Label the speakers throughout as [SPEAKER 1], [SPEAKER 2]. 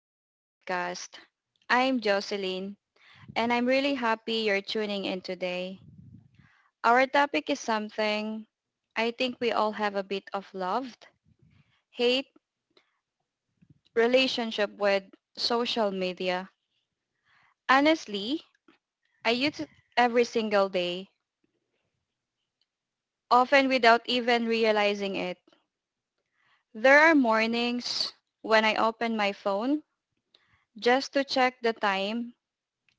[SPEAKER 1] to our podcast. I'm Jocelyn and I'm really happy you're tuning in today. Our topic is something I think we all have a bit of loved, hate, relationship with social media. Honestly, I use it every single day, often without even realizing it. There are mornings when I open my phone just to check the time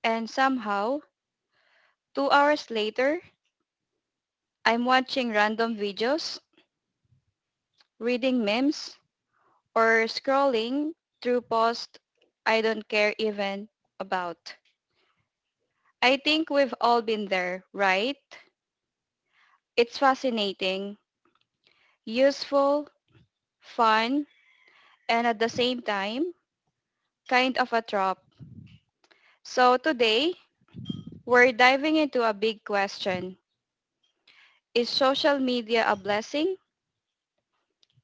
[SPEAKER 1] and somehow 2 hours later I'm watching random videos, reading memes, or scrolling through posts I don't care even about. I think we've all been there, right? It's fascinating, useful, fun, and at the same time, kind of a trap. So today, we're diving into a big question. Is social media a blessing,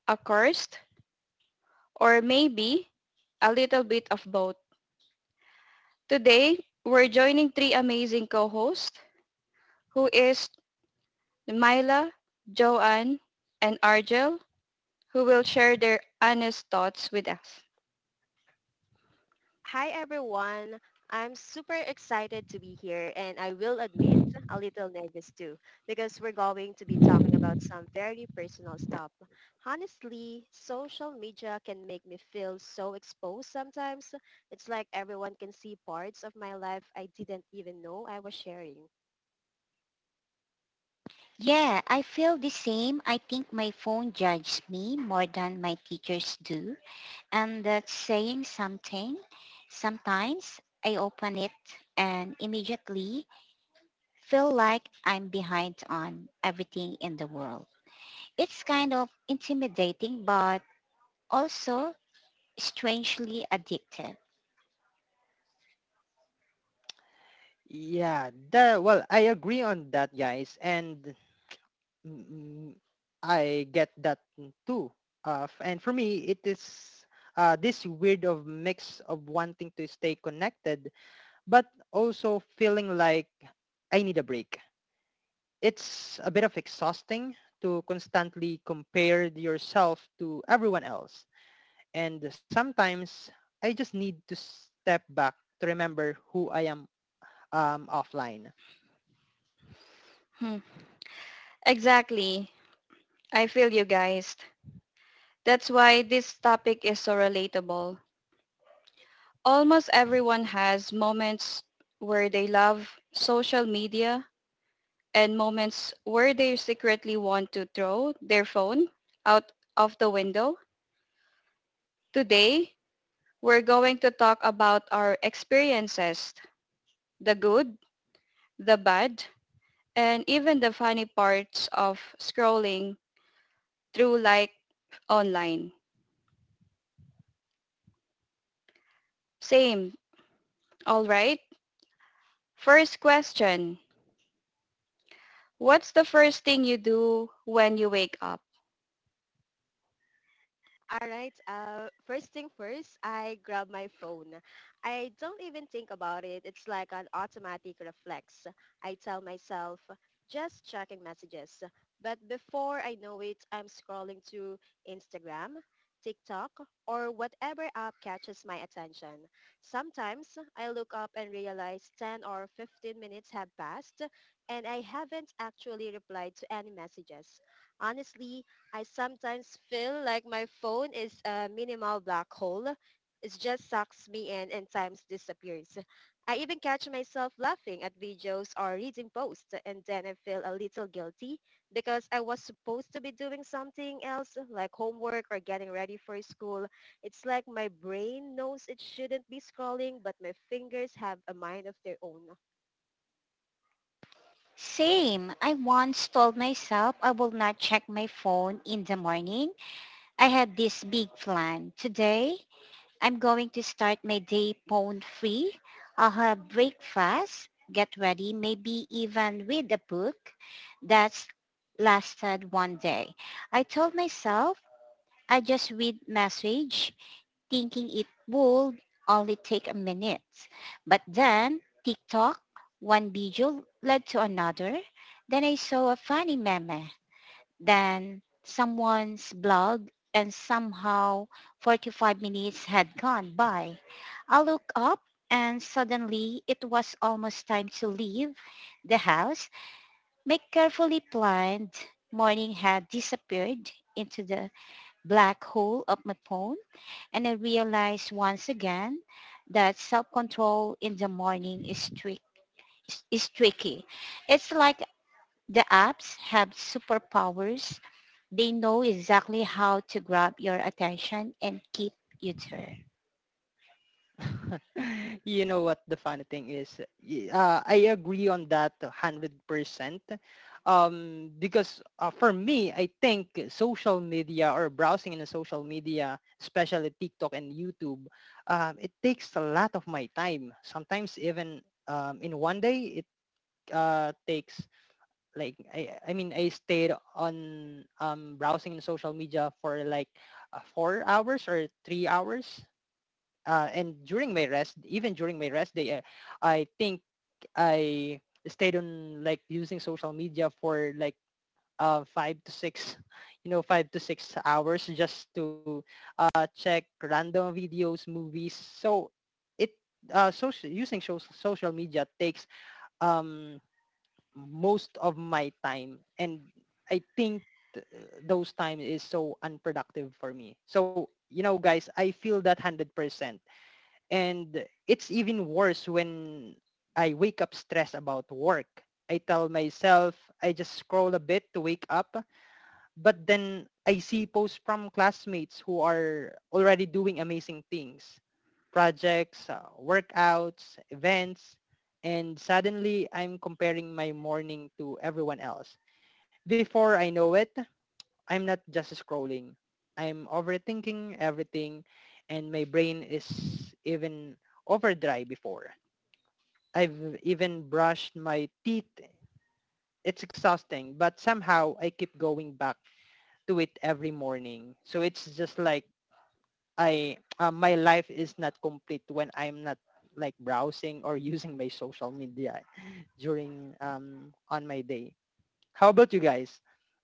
[SPEAKER 1] a curse, or maybe a little bit of both? Today, we're joining three amazing co-hosts who is Myla, Joanne, and Argel who will share their honest thoughts with us.
[SPEAKER 2] Hi everyone. I'm super excited to be here and I will admit a little nervous too because we're going to be talking about some very personal stuff. Honestly, social media can make me feel so exposed sometimes. It's like everyone can see parts of my life I didn't even know I was sharing.
[SPEAKER 3] Yeah, I feel the same. I think my phone judges me more than my teachers do. And that's saying something. Sometimes I open it and immediately feel like I'm behind on everything in the world. It's kind of intimidating but also strangely addictive.
[SPEAKER 4] Yeah, the well, I agree on that, guys, and mm, I get that too. And for me, it is this weird of mix of wanting to stay connected, but also feeling like I need a break. It's a bit of exhausting to constantly compare yourself to everyone else, and sometimes I just need to step back to remember who I am offline.
[SPEAKER 1] Hmm. Exactly. I feel you guys. That's why this topic is so relatable. Almost everyone has moments where they love social media and moments where they secretly want to throw their phone out of the window. Today, we're going to talk about our experiences, the good, the bad, and even the funny parts of scrolling through like online. Same, all right? First question. What's the first thing you do when you wake up?
[SPEAKER 2] All right. First thing first, I grab my phone. I don't even think about it. It's like an automatic reflex. I tell myself, just checking messages. But before I know it, I'm scrolling to Instagram, TikTok, or whatever app catches my attention. Sometimes I look up and realize 10 or 15 minutes have passed and I haven't actually replied to any messages. Honestly, I sometimes feel like my phone is a minimal black hole. It just sucks me in and times disappears. I even catch myself laughing at videos or reading posts and then I feel a little guilty because I was supposed to be doing something else like homework or getting ready for school. It's like my brain knows it shouldn't be scrolling but my fingers have a mind of their own.
[SPEAKER 3] Same. I once told myself I will not check my phone in the morning. I had this big plan. Today, I'm going to start my day pawn free. I'll have breakfast, get ready, maybe even read a book. That's lasted 1 day. I told myself I just read message, thinking it would only take a minute. But then TikTok, one video led to another. Then I saw a funny meme, than someone's blog, and somehow 45 minutes had gone by. I looked up and suddenly it was almost time to leave the house. My carefully planned morning had disappeared into the black hole of my phone, and I realized once again that self-control in the morning is trick is tricky. It's like the apps have superpowers. They know exactly how to grab your attention and keep you there.
[SPEAKER 4] You know what the funny thing is? I agree on that 100%. Because for me, I think social media or browsing in the social media, especially TikTok and YouTube, it takes a lot of my time. Sometimes even in 1 day, it takes like, I mean, I stayed on browsing in social media for like 4 hours or 3 hours, and during my rest, even during my rest day, I think I stayed on like using social media for like five to six, 5 to 6 hours just to check random videos, movies. So it social using so- social media takes um, most of my time, and I think th- those time is so unproductive for me. So guys, I feel that hundred percent, and it's even worse when I wake up stressed about work. I tell myself I just scroll a bit to wake up, but then I see posts from classmates who are already doing amazing things, projects, workouts, events, and suddenly I'm comparing my morning to everyone else. Before I know it, I'm not just scrolling. I'm overthinking everything, and my brain is even overdrive before I've even brushed my teeth. It's exhausting, but somehow I keep going back to it every morning. So it's just like I my life is not complete when I'm not like browsing or using my social media during on my day. How about you guys?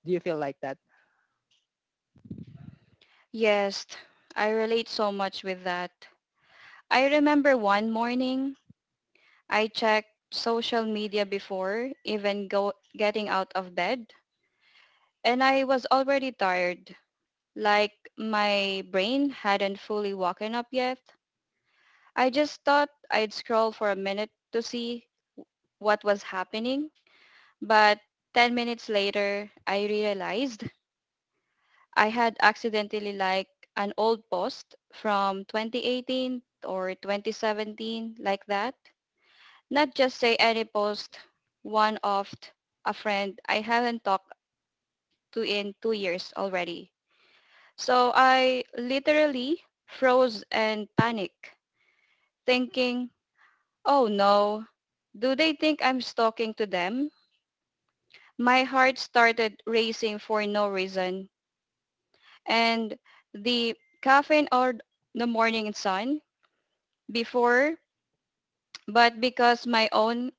[SPEAKER 4] Do you feel like that?
[SPEAKER 1] Yes, I relate so much with that. I remember one morning, I checked social media before even go getting out of bed and I was already tired, like my brain hadn't fully woken up yet. I just thought I'd scroll for a minute to see what was happening, but 10 minutes later, I realized I had accidentally like an old post from 2018 or 2017 like that. Not just say any post, one of a friend I haven't talked to in 2 years already. So I literally froze and panicked, thinking, oh no, do they think I'm talking to them? My heart started racing for no reason. And the caffeine or the morning sun before, but because my own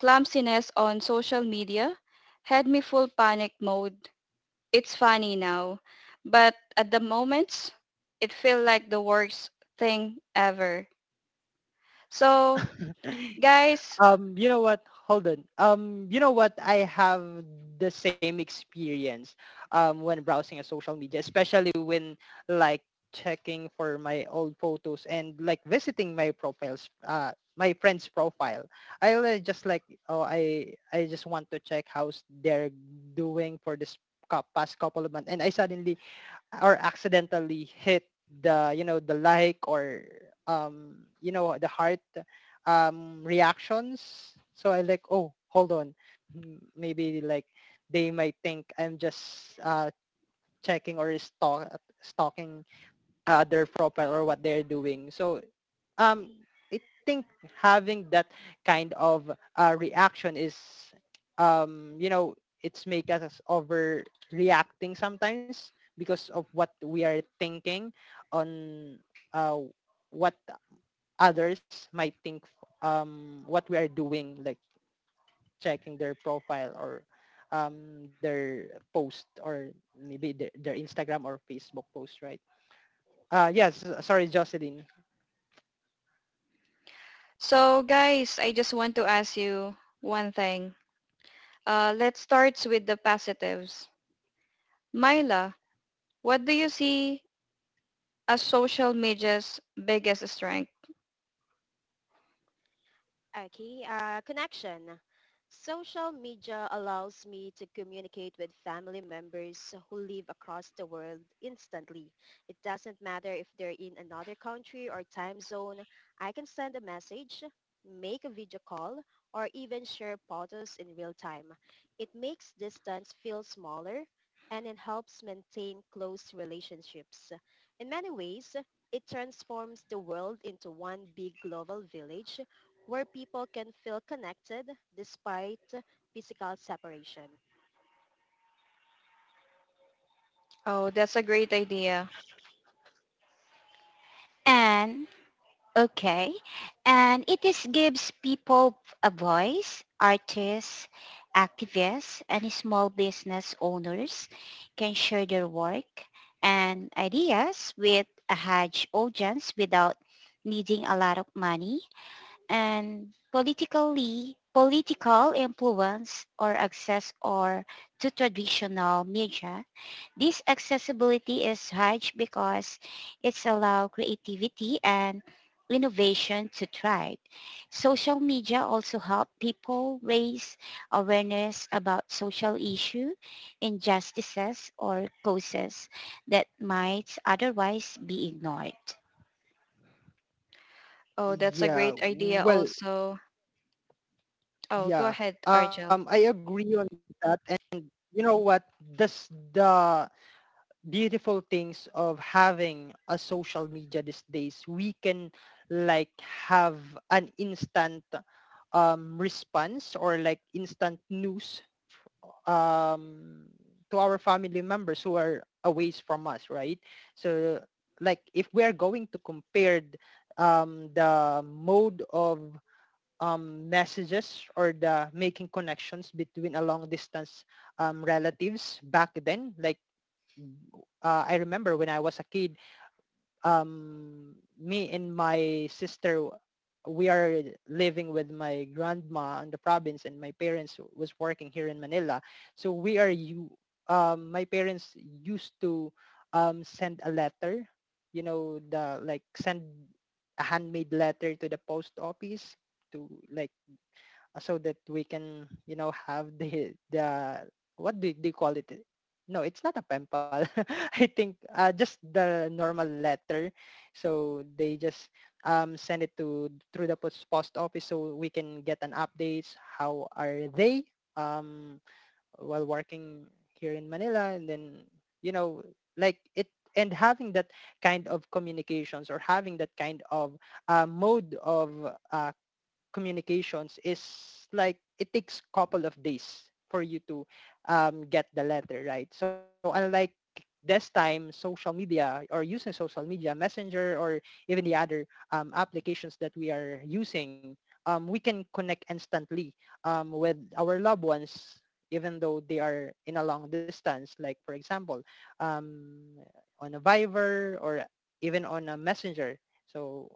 [SPEAKER 1] clumsiness on social media had me full panic mode. It's funny now, but at the moment, it felt like the worst thing ever. So Guys,
[SPEAKER 4] You know what? Hold on. You know what? I have the same experience when browsing a social media, especially when like checking for my old photos and like visiting my profiles, my friend's profile. I will just like, oh, I just want to check how's they're doing for this past couple of months, and I suddenly or accidentally hit the, you know, the like, or you know, the heart reactions. So I like, oh, hold on, maybe like they might think I'm just checking or stalking their profile or what they're doing. So um I think having that kind of reaction is, you know, it's make us overreacting sometimes because of what we are thinking on uh what others might think what we are doing, like checking their profile or their post or maybe their Instagram or Facebook post, right? Yes, sorry, Jocelyn.
[SPEAKER 1] so guys, I just want to ask you one thing. Let's start with the positives. Myla, what do you see as social media's biggest strength?
[SPEAKER 2] Okay, connection. Social media allows me to communicate with family members who live across the world instantly. It doesn't matter if they're in another country or time zone. I can send a message, make a video call, or even share photos in real time. It makes distance feel smaller and it helps maintain close relationships. In many ways, it transforms the world into one big global village where people can feel connected despite physical separation.
[SPEAKER 1] Oh, that's a great idea.
[SPEAKER 3] And okay, and it is gives people a voice, artists, activists, and small business owners can share their work and ideas with a huge audience without needing a lot of money and politically political influence or access or to traditional media. This accessibility is huge because it's allow creativity and innovation to thrive. Social media also help people raise awareness about social issue, injustices, or causes that might otherwise be ignored.
[SPEAKER 1] Oh, that's a
[SPEAKER 4] yeah
[SPEAKER 1] great idea
[SPEAKER 4] well
[SPEAKER 1] also. Oh, go
[SPEAKER 4] Yeah,
[SPEAKER 1] ahead, Argel.
[SPEAKER 4] I agree on that. And you know what? This the beautiful things of having a social media these days. We can like have an instant response or like instant news, um, to our family members who are away from us, right? So like if we are going to compare the mode of messages or the making connections between a long distance relatives back then. Like I remember when I was a kid, me and my sister, we are living with my grandma in the province, and my parents was working here in Manila. So we are you. My parents used to send a letter, you know, the like send a handmade letter to the post office to like, so that we can, you know, have the what do they call it, no, it's not a pen pal. I think, just the normal letter. So they just send it to through the post office, so we can get an updates how are they, um, while working here in Manila. And then, you know, like it, and having that kind of communications or having that kind of mode of uh, communications is like it takes a couple of days for you to get the letter, right? So unlike this time, social media or using social media, Messenger, or even the other applications that we are using, we can connect instantly with our loved ones, even though they are in a long distance, like for example, um, on a Viber or even on a Messenger. So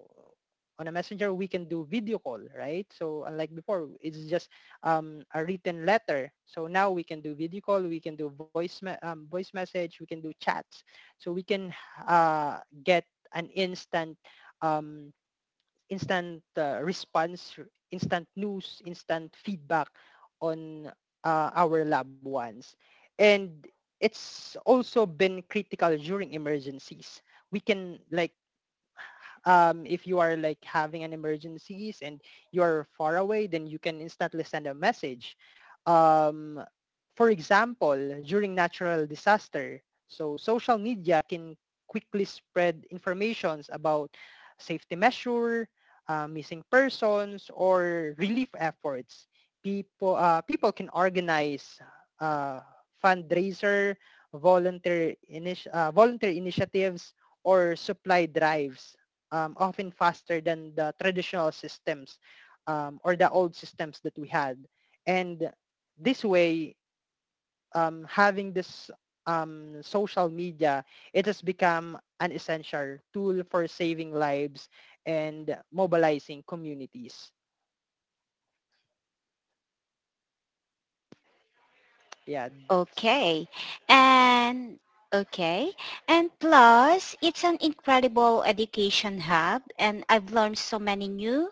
[SPEAKER 4] on a messenger we can do video call, right? So unlike before, it's just a written letter, so now we can do video call, we can do voice message, we can do chats, so we can uh, get an instant um, response, instant news, instant feedback on our loved ones, and it's also been critical during emergencies. We can like, if you are like having an emergencies and you're far away, then you can instantly send a message. Um, for example, during natural disaster, so social media can quickly spread informations about safety measure, missing persons, or relief efforts. People can organize uh, fundraiser, volunteer initiatives, or supply drives, often faster than the traditional systems, or the old systems that we had. And this way, having this social media, it has become an essential tool for saving lives and mobilizing communities. Yeah,
[SPEAKER 3] Okay. And okay. And plus, it's an incredible education hub and I've learned so many new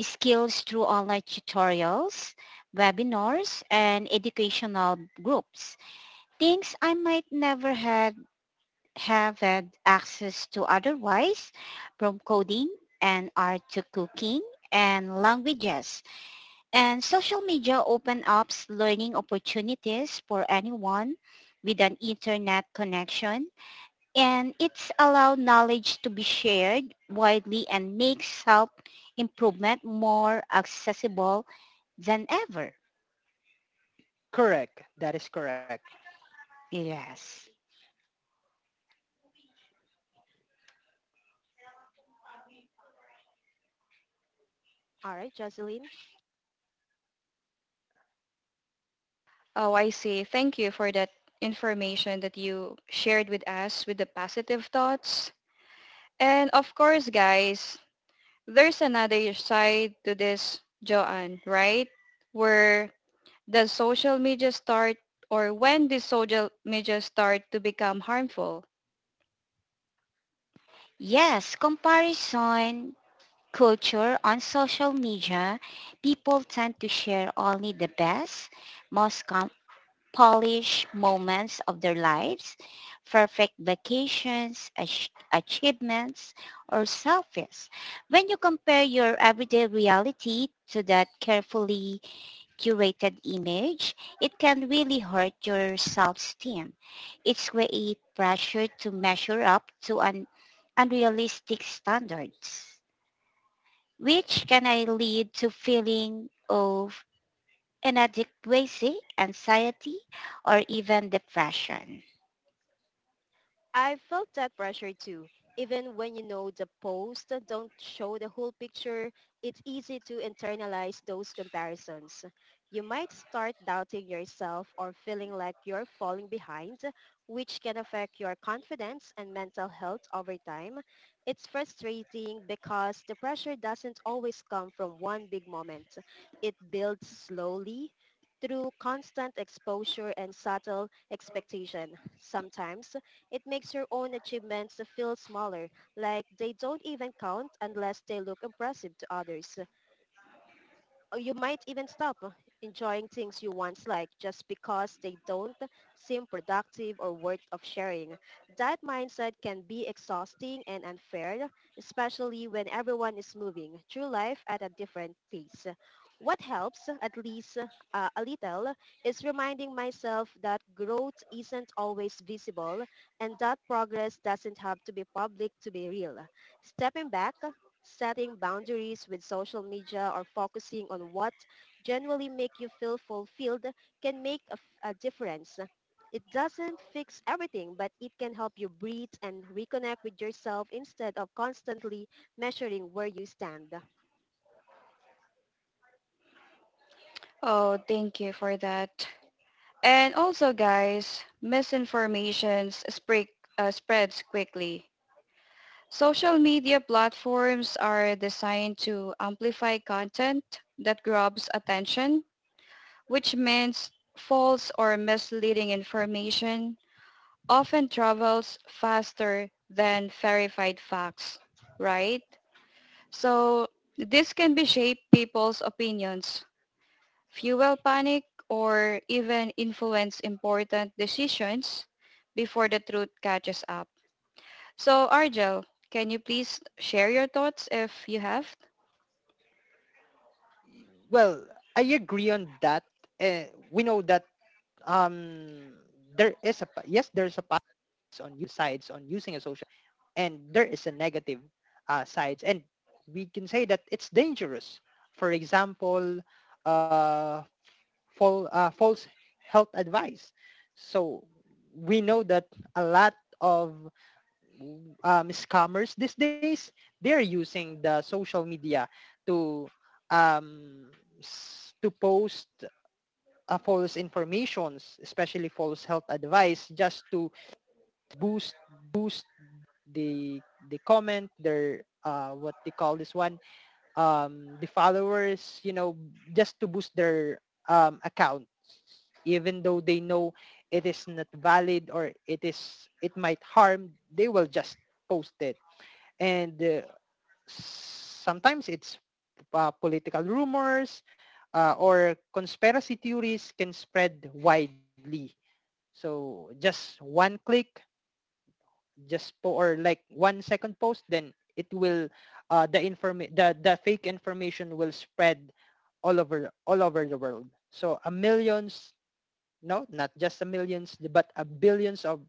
[SPEAKER 3] skills through online tutorials, webinars, and educational groups. Things I might never had, have had access to otherwise, from coding and art to cooking and languages. And social media open up learning opportunities for anyone with an internet connection, and it's allowed knowledge to be shared widely and makes self improvement more accessible than ever.
[SPEAKER 4] correct. That is correct.
[SPEAKER 3] Yes.
[SPEAKER 2] All right, Jocelyn?
[SPEAKER 1] Oh, I see. Thank you for that information that you shared with us with the positive thoughts. And of course, guys, there's another side to this, Joanne, right? Where does social media start or when did social media start to become harmful?
[SPEAKER 3] Yes, comparison culture on social media, people tend to share only the best, most com- polished moments of their lives, perfect vacations, achievements, or selfies. When you compare your everyday reality to that carefully curated image, it can really hurt your self-esteem. It's create pressure to measure up to an unrealistic standards, which can I lead to feeling of inadequacy, anxiety, or even depression.
[SPEAKER 2] I felt that pressure too. Even when you know the post don't show the whole picture, it's easy to internalize those comparisons. You might start doubting yourself or feeling like you're falling behind, which can affect your confidence and mental health over time. It's frustrating because the pressure doesn't always come from one big moment. It builds slowly through constant exposure and subtle expectation. Sometimes it makes your own achievements feel smaller, like they don't even count unless they look impressive to others or you might even stop enjoying things you once liked just because they don't seem productive or worth of sharing. That mindset can be exhausting and unfair, especially when everyone is moving through life at a different pace. What helps, at least a little, is reminding myself that growth isn't always visible and that progress doesn't have to be public to be real. Stepping back, setting boundaries with social media or focusing on what genuinely make you feel fulfilled can make a difference. It doesn't fix everything, but it can help you breathe and reconnect with yourself instead of constantly measuring where you stand.
[SPEAKER 1] Oh, thank you for that. And also guys, spreads quickly. Social media platforms are designed to amplify content that grabs attention, which means false or misleading information often travels faster than verified facts, right? So this can be shape people's opinions, fuel panic, or even influence important decisions before the truth catches up. So Argel, can you please share your thoughts if you have?
[SPEAKER 4] Well, I agree on that. Uh, we know that, um, there is a yes, there's a pass on sides on using a social, and there is a negative sides, and we can say that it's dangerous, for example, uh, false health advice. So we know that a lot of scammers these days, they're using the social media to, um, to post false informations, especially false health advice, just to boost boost the the comment their what they call this one, the followers, you know, just to boost their account, even though they know it is not valid, or it is it might harm, they will just post it. And sometimes it's political rumors or conspiracy theories can spread widely. So just one click, just po or like 1 second post, then it will the fake information will spread all over the world. So a millions, no, not just a millions, but a billions of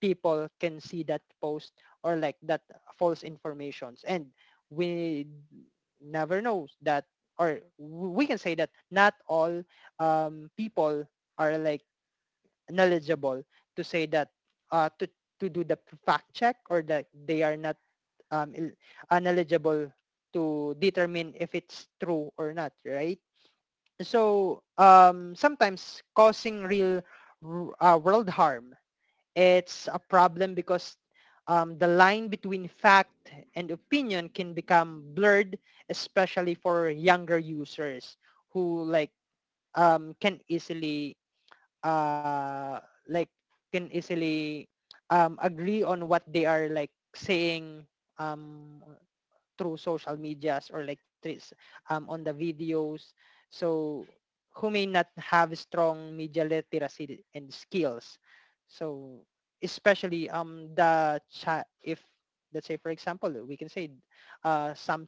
[SPEAKER 4] people can see that post or like that false informations, and we never know that, or we can say that not all people are like knowledgeable to say that, uh, to to do the fact check, or that they are not um, il- knowledgeable to determine if it's true or not, right? So sometimes causing real world harm. It's a problem because, the line between fact and opinion can become blurred, especially for younger users, who like, can easily uh like can easily agree on what they are like saying, um through social medias, or like threes, on the videos, so who may not have strong media literacy and skills. So especially the chat, if let's say for example, we can say some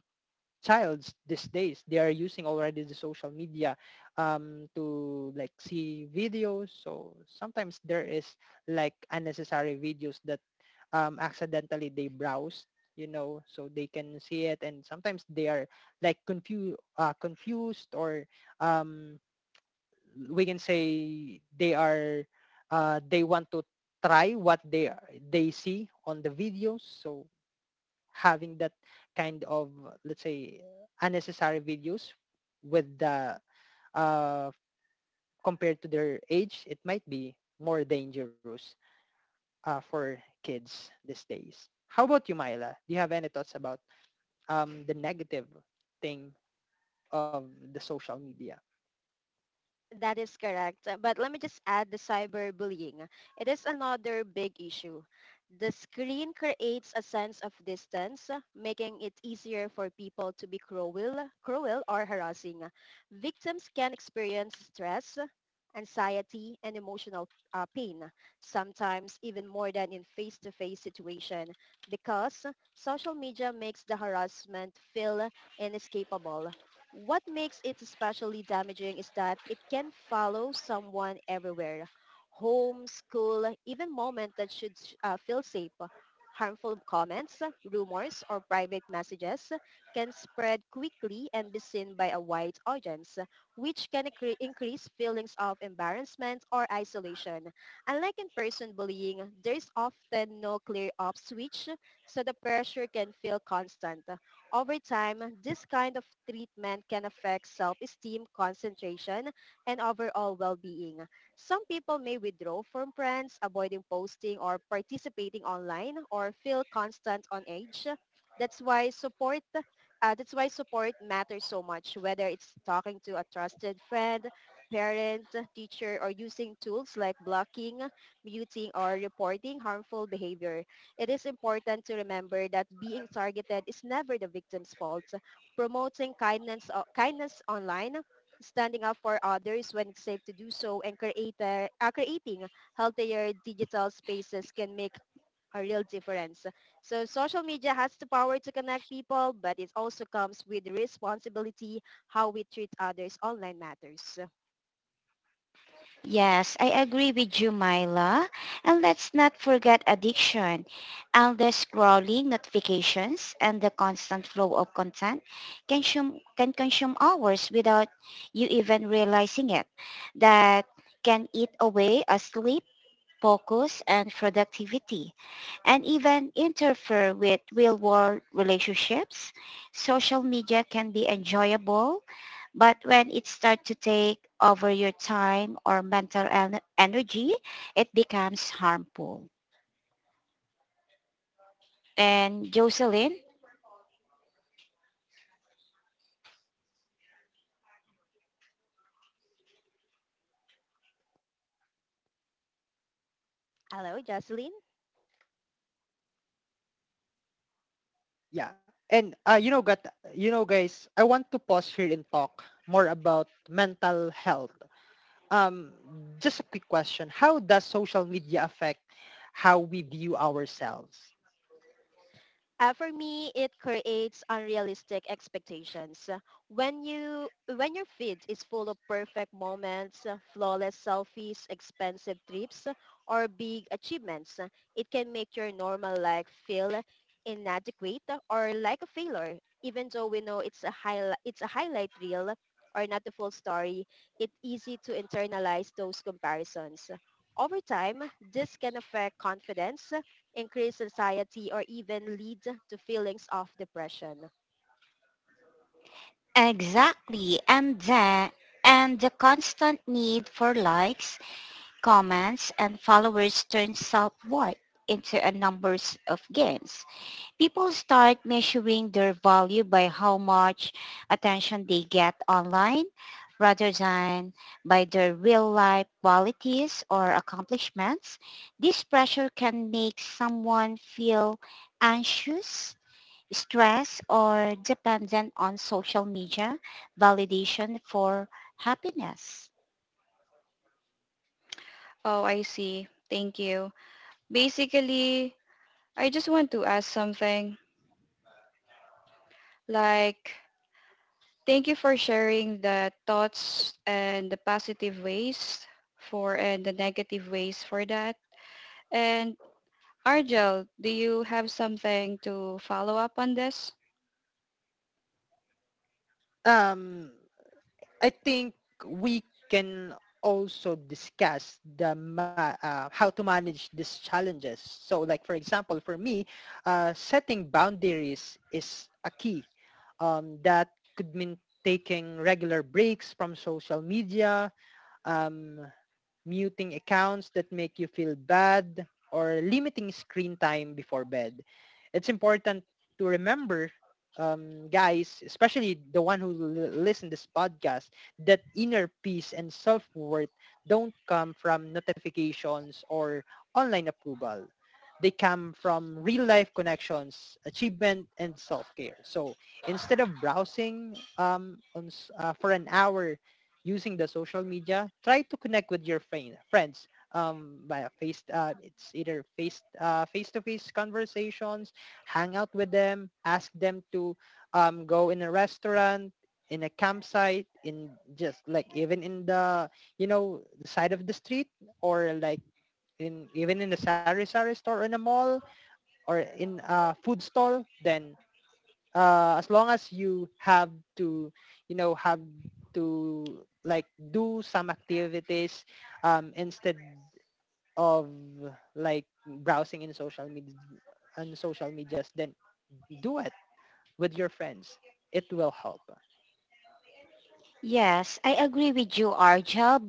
[SPEAKER 4] childs these days, they are using already the social media to like see videos. So sometimes there is like unnecessary videos that accidentally they browse, you know, so they can see it, and sometimes they are like confused or um we can say they are they want to try what they see on the videos. So having that kind of, let's say, unnecessary videos, with the uh compared to their age, it might be more dangerous for kids these days. How about you, Myla? Do you have any thoughts about the negative thing of the social media?
[SPEAKER 2] That is correct. But let me just add the cyberbullying. It is another big issue. The screen creates a sense of distance, making it easier for people to be cruel or harassing. Victims can experience stress, anxiety, and emotional pain, sometimes even more than in face-to-face situation, because social media makes the harassment feel inescapable. What makes it especially damaging is that it can follow someone everywhere. Home, school, even moment that should feel safe. Harmful comments, rumors, or private messages can spread quickly and be seen by a wide audience, which can increase feelings of embarrassment or isolation. Unlike in-person bullying, there's often no clear-off switch, so the pressure can feel constant. Over time, this kind of treatment can affect self-esteem, concentration, and overall well-being. Some people may withdraw from friends, avoiding posting or participating online, or feel constant on edge. That's why support that's why support matters so much, whether it's talking to a trusted friend, parent, teacher, or using tools like blocking, muting, or reporting harmful behavior. It is important to remember that being targeted is never the victim's fault. Promoting kindness online, standing up for others when it's safe to do so, and creating healthier digital spaces can make a real difference. So social media has the power to connect people, but it also comes with responsibility. How we treat others online matters.
[SPEAKER 3] Yes, I agree with you, Myla. And let's not forget addiction. Endless scrolling, notifications, and the constant flow of content can consume hours without you even realizing it. That can eat away at sleep, focus, and productivity, and even interfere with real-world relationships. Social media can be enjoyable, but when it starts to take over your time or mental energy, it becomes harmful. And Jocelyn,
[SPEAKER 2] Hello, Jocelyn.
[SPEAKER 4] Yeah and You know guys, I want to pause here and talk more about mental health. Um, just a quick question. How does social media affect how we view ourselves?
[SPEAKER 2] For me, it creates unrealistic expectations. When your feed is full of perfect moments, flawless selfies, expensive trips, or big achievements, it can make your normal life feel inadequate or like a failure. Even though we know it's a highlight reel or not the full story, it's easy to internalize those comparisons. Over time, this can affect confidence, increase anxiety, or even lead to feelings of depression.
[SPEAKER 3] exactly. And then, and the constant need for likes, comments, and followers turns self-worth into a numbers of games. People start measuring their value by how much attention they get online rather than by their real life qualities or accomplishments. This pressure can make someone feel anxious, stressed, or dependent on social media validation for happiness.
[SPEAKER 1] Oh, I see. Thank you. Basically, I just want to ask something like, thank you for sharing the thoughts and the positive ways for and the negative ways for that. And Argel, do you have something to follow up on this?
[SPEAKER 4] Um, I think we can also discuss how to manage these challenges. So, like for example, for me, setting boundaries is a key. That could mean taking regular breaks from social media, um, muting accounts that make you feel bad, or limiting screen time before bed. It's important to remember, guys, especially the one who listen this podcast, that inner peace and self-worth don't come from notifications or online approval. They come from real-life connections, achievement, and self-care. So instead of browsing for an hour using the social media, try to connect with your friends via face. It's either face-to-face conversations, hang out with them, ask them to go in a restaurant, in a campsite, in just like even in the the side of the street, or like in even in the sari sari store in a mall or in a food stall. Then as long as you have to, have to like do some activities instead of like browsing in social media on social medias, then do it with your friends. It will help.
[SPEAKER 3] Yes, I agree with you, Arjel.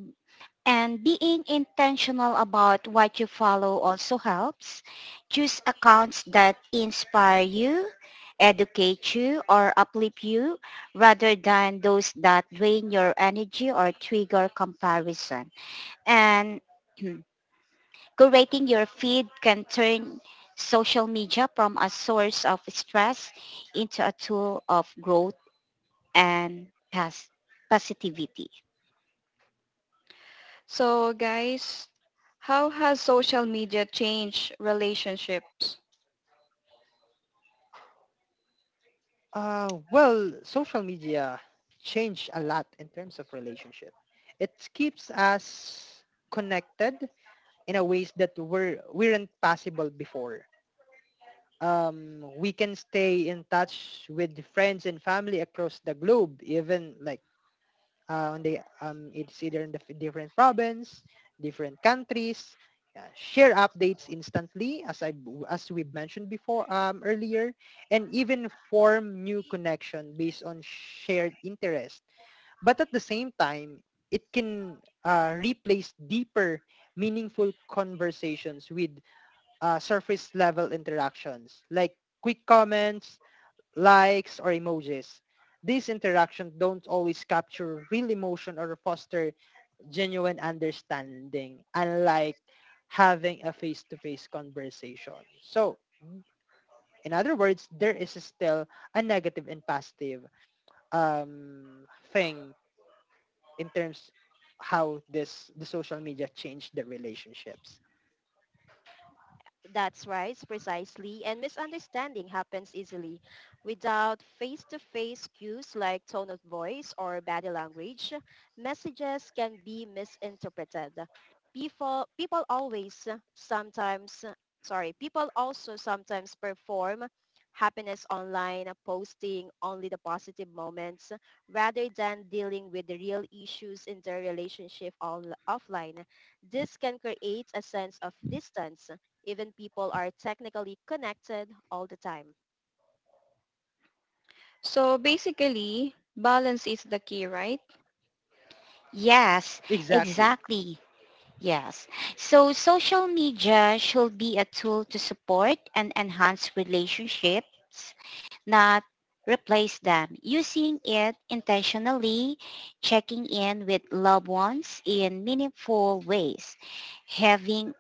[SPEAKER 3] And being intentional about what you follow also helps. Choose accounts that inspire you, educate you, or uplift you rather than those that drain your energy or trigger comparison. And curating your feed can turn social media from a source of stress into a tool of growth and pos- positivity.
[SPEAKER 1] So guys, how has social media changed relationships?
[SPEAKER 4] Well, social media changed a lot in terms of relationship. It keeps us connected in a ways that were weren't possible before. We can stay in touch with friends and family across the globe, even like on the it's either in the different province, different countries. Share updates instantly, as we've mentioned before earlier, and even form new connection based on shared interest. But at the same time, it can replace deeper, meaningful conversations with surface level interactions like quick comments, likes, or emojis. These interactions don't always capture real emotion or foster genuine understanding, unlike having a face-to-face conversation. So, in other words, there is still a negative and positive um, thing in terms how this the social media changed the relationships.
[SPEAKER 2] That's right, precisely. And misunderstanding happens easily. Without face-to-face cues like tone of voice or body language, messages can be misinterpreted. People, people always sometimes, people also sometimes perform happiness online, posting only the positive moments rather than dealing with the real issues in their relationship offline. This can create a sense of distance even people are technically connected all the time.
[SPEAKER 1] So basically, balance is the key, right?
[SPEAKER 3] Yes,
[SPEAKER 4] Exactly.
[SPEAKER 3] exactly. Yes. So social media should be a tool to support and enhance relationships, not replace them. Using it intentionally, checking in with loved ones in meaningful ways, having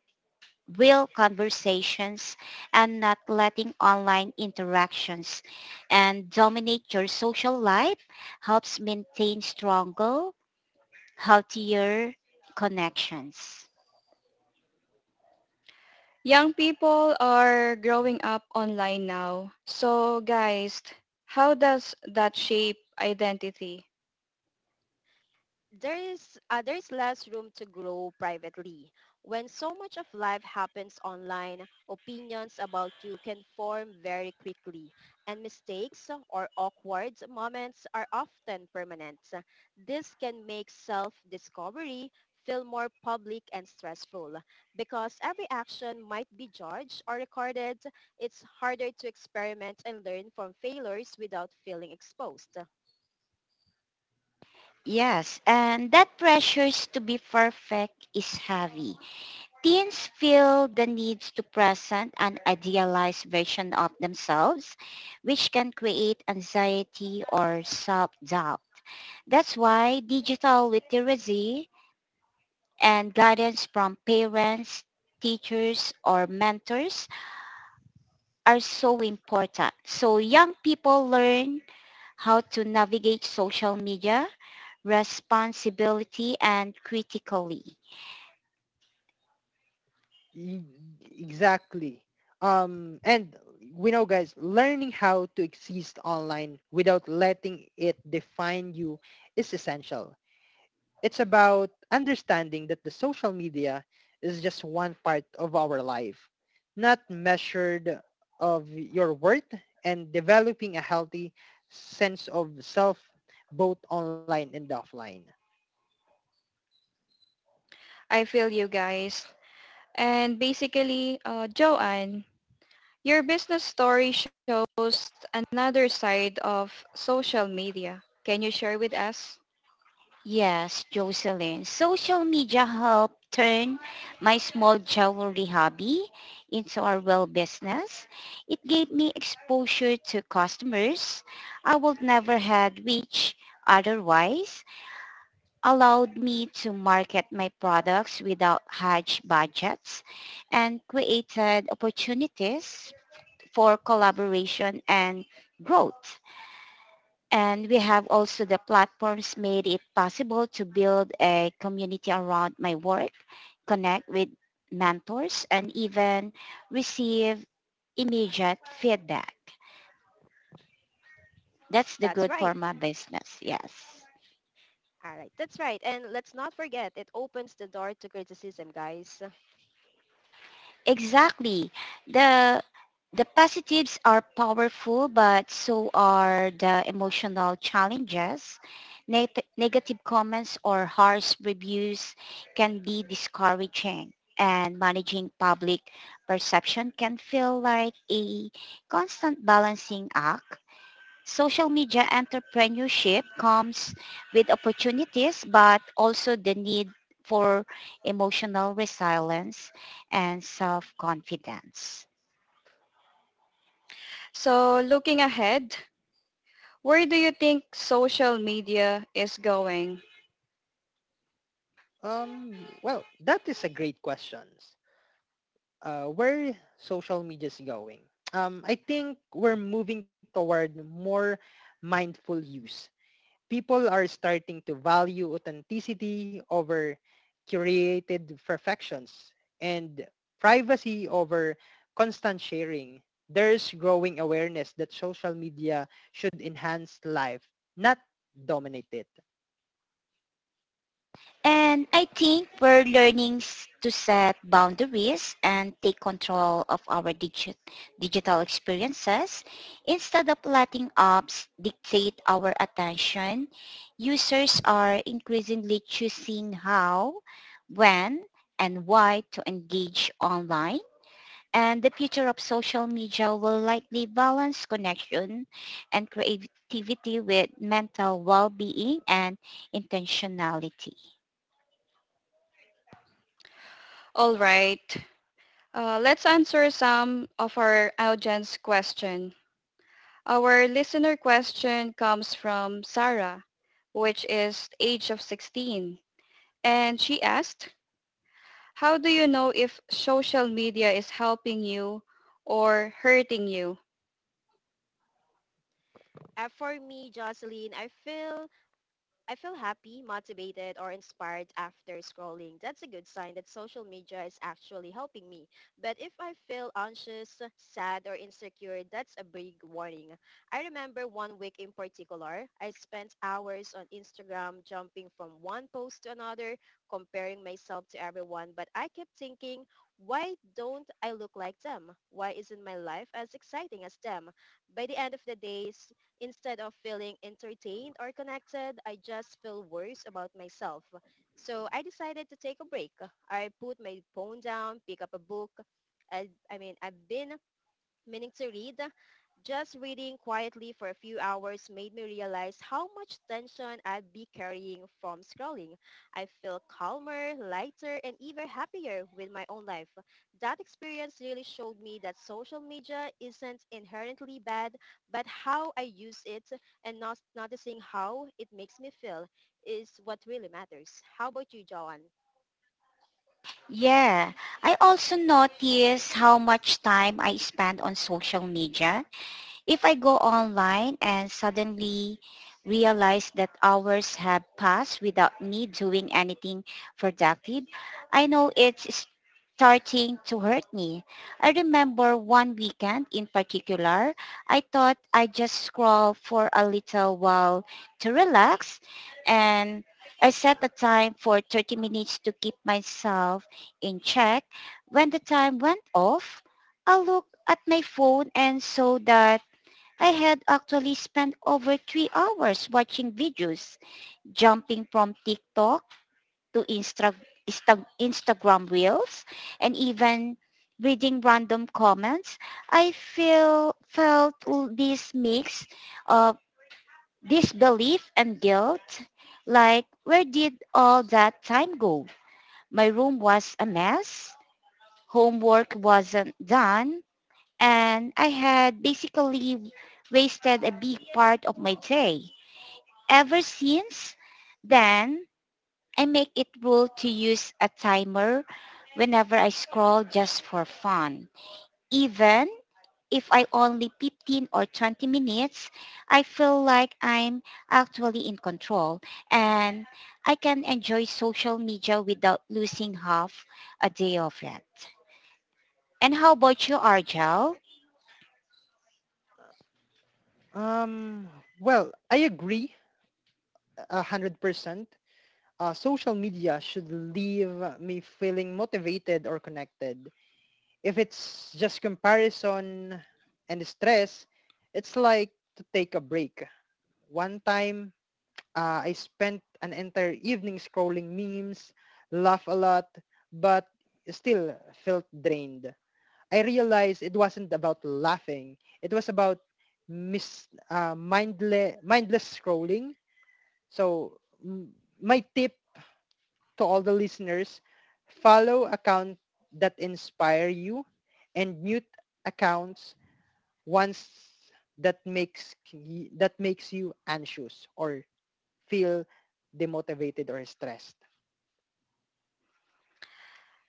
[SPEAKER 3] real conversations and not letting online interactions and dominate your social life helps maintain stronger, healthier connections.
[SPEAKER 1] Young people are growing up online now. So guys, how does that shape identity?
[SPEAKER 2] There is less room to grow privately. When so much of life happens online, opinions about you can form very quickly, and mistakes or awkward moments are often permanent. This can make self-discovery feel more public and stressful because every action might be judged or recorded. It's harder to experiment and learn from failures without feeling exposed.
[SPEAKER 3] Yes, and that pressures to be perfect is heavy. Teens feel the needs to present an idealized version of themselves, which can create anxiety or self-doubt. That's why digital literacy and guidance from parents, teachers, or mentors are so important. So young people learn how to navigate social media responsibility and critically.
[SPEAKER 4] E- Exactly. And we know, guys, learning how to exist online without letting it define you is essential. It's about understanding that the social media is just one part of our life, not measured of your worth, and developing a healthy sense of self both online and offline.
[SPEAKER 1] I feel you guys. And basically, Joanne, your business story shows another side of social media. Can you share with us?
[SPEAKER 3] Yes, Jocelyn. Social media helped turn my small jewelry hobby into a real business. It gave me exposure to customers I would never had reached otherwise, allowed me to market my products without huge budgets, and created opportunities for collaboration and growth. And we have also the platforms made it possible to build a community around my work, connect with mentors, and even receive immediate feedback. That's the
[SPEAKER 2] That's
[SPEAKER 3] good
[SPEAKER 2] right.
[SPEAKER 3] for my business. Yes.
[SPEAKER 2] All right, that's right. And let's not forget, it opens the door to criticism, guys.
[SPEAKER 3] Exactly. The the positives are powerful, but so are the emotional challenges. Negative comments or harsh reviews can be discouraging, and managing public perception can feel like a constant balancing act. Social media entrepreneurship comes with opportunities but also the need for emotional resilience and self-confidence.
[SPEAKER 1] So looking ahead, where do you think social media is going?
[SPEAKER 4] Well, that is a great question. Where social media is going? I think we're moving toward more mindful use. People are starting to value authenticity over curated perfections and privacy over constant sharing. There's growing awareness that social media should enhance life, not dominate it.
[SPEAKER 3] And I think we're to set boundaries and take control of our digital experiences instead of letting apps dictate our attention. Users are increasingly choosing how, when, and why to engage online. And the future of social media will likely balance connection and creativity with mental well-being and intentionality.
[SPEAKER 1] All right, let's answer some of our audience question. Our listener question comes from Sarah, which is age of 16. And she asked, how do you know if social media is helping you or hurting you?
[SPEAKER 2] For me, Jocelyn, I feel happy, motivated, or inspired after scrolling. That's a good sign that social media is actually helping me. But if I feel anxious, sad, or insecure, that's a big warning. I remember one week in particular, I spent hours on Instagram jumping from one post to another, comparing myself to everyone, but I kept thinking, why don't I look like them? Why isn't my life as exciting as them? By the end of the days, instead of feeling entertained or connected, I just feel worse about myself. So I decided to take a break. I put my phone down, pick up a book. I've been meaning to read. Just reading quietly for a few hours made me realize how much tension I'd be carrying from scrolling. I feel calmer, lighter, and even happier with my own life. That experience really showed me that social media isn't inherently bad, but how I use it and not noticing how it makes me feel is what really matters. How about you, Joanne?
[SPEAKER 3] Yeah. I also notice how much time I spend on social media. If I go online and suddenly realize that hours have passed without me doing anything productive, I know it's starting to hurt me. I remember one weekend in particular, I thought I just scroll for a little while to relax, and I set a time for 30 minutes to keep myself in check. When the time went off, I looked at my phone and saw that I had actually spent over 3 hours watching videos, jumping from TikTok to Instagram Reels, and even reading random comments. I feel felt this mix of disbelief and guilt, like where did all that time go? My room was a mess. Homework wasn't done, and I had basically wasted a big part of my day. Ever since then, I make it rule to use a timer whenever I scroll just for fun. Even if I only 15 or 20 minutes, I feel like I'm actually in control and I can enjoy social media without losing half a day of it. And how about you, Arjel?
[SPEAKER 4] Um, well, I agree 100%. Social media should leave me feeling motivated or connected. If it's just comparison and stress, it's like to take a break. One time, I spent an entire evening scrolling memes, laugh a lot, but still felt drained. I realized it wasn't about laughing. It was about mis- mindless scrolling. So m- my tip to all the listeners, follow accounts that inspire you and mute accounts once that makes you anxious or feel demotivated or stressed.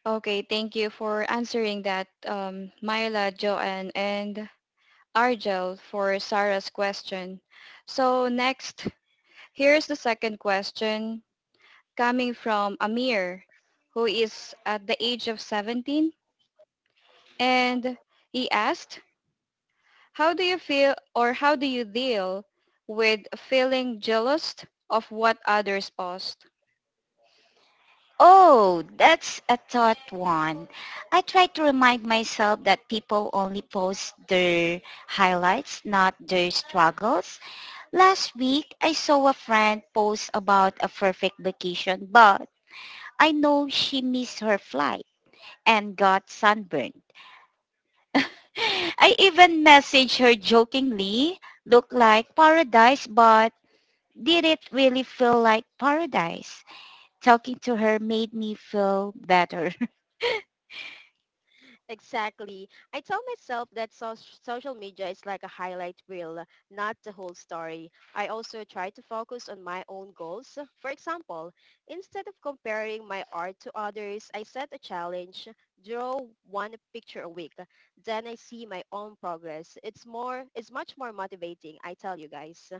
[SPEAKER 1] Okay, thank you for answering that, Myla, Joanne, and Argel for Sarah's question. So next, here's the second question coming from Amir, who is at the age of 17. And he asked, how do you feel or how do you deal with feeling jealous of what others post?
[SPEAKER 3] Oh, that's a thought one. I try to remind myself that people only post their highlights, not their struggles. Last week, I saw a friend post about a perfect vacation, but I know she missed her flight and got sunburned. I even messaged her jokingly, looked like paradise, but did it really feel like paradise? Talking to her made me feel better.
[SPEAKER 2] Exactly. I tell myself that social media is like a highlight reel, not the whole story. I also try to focus on my own goals. For example, instead of comparing my art to others, I set a challenge, draw one picture a week. Then I see my own progress. It's much more motivating, I tell you guys.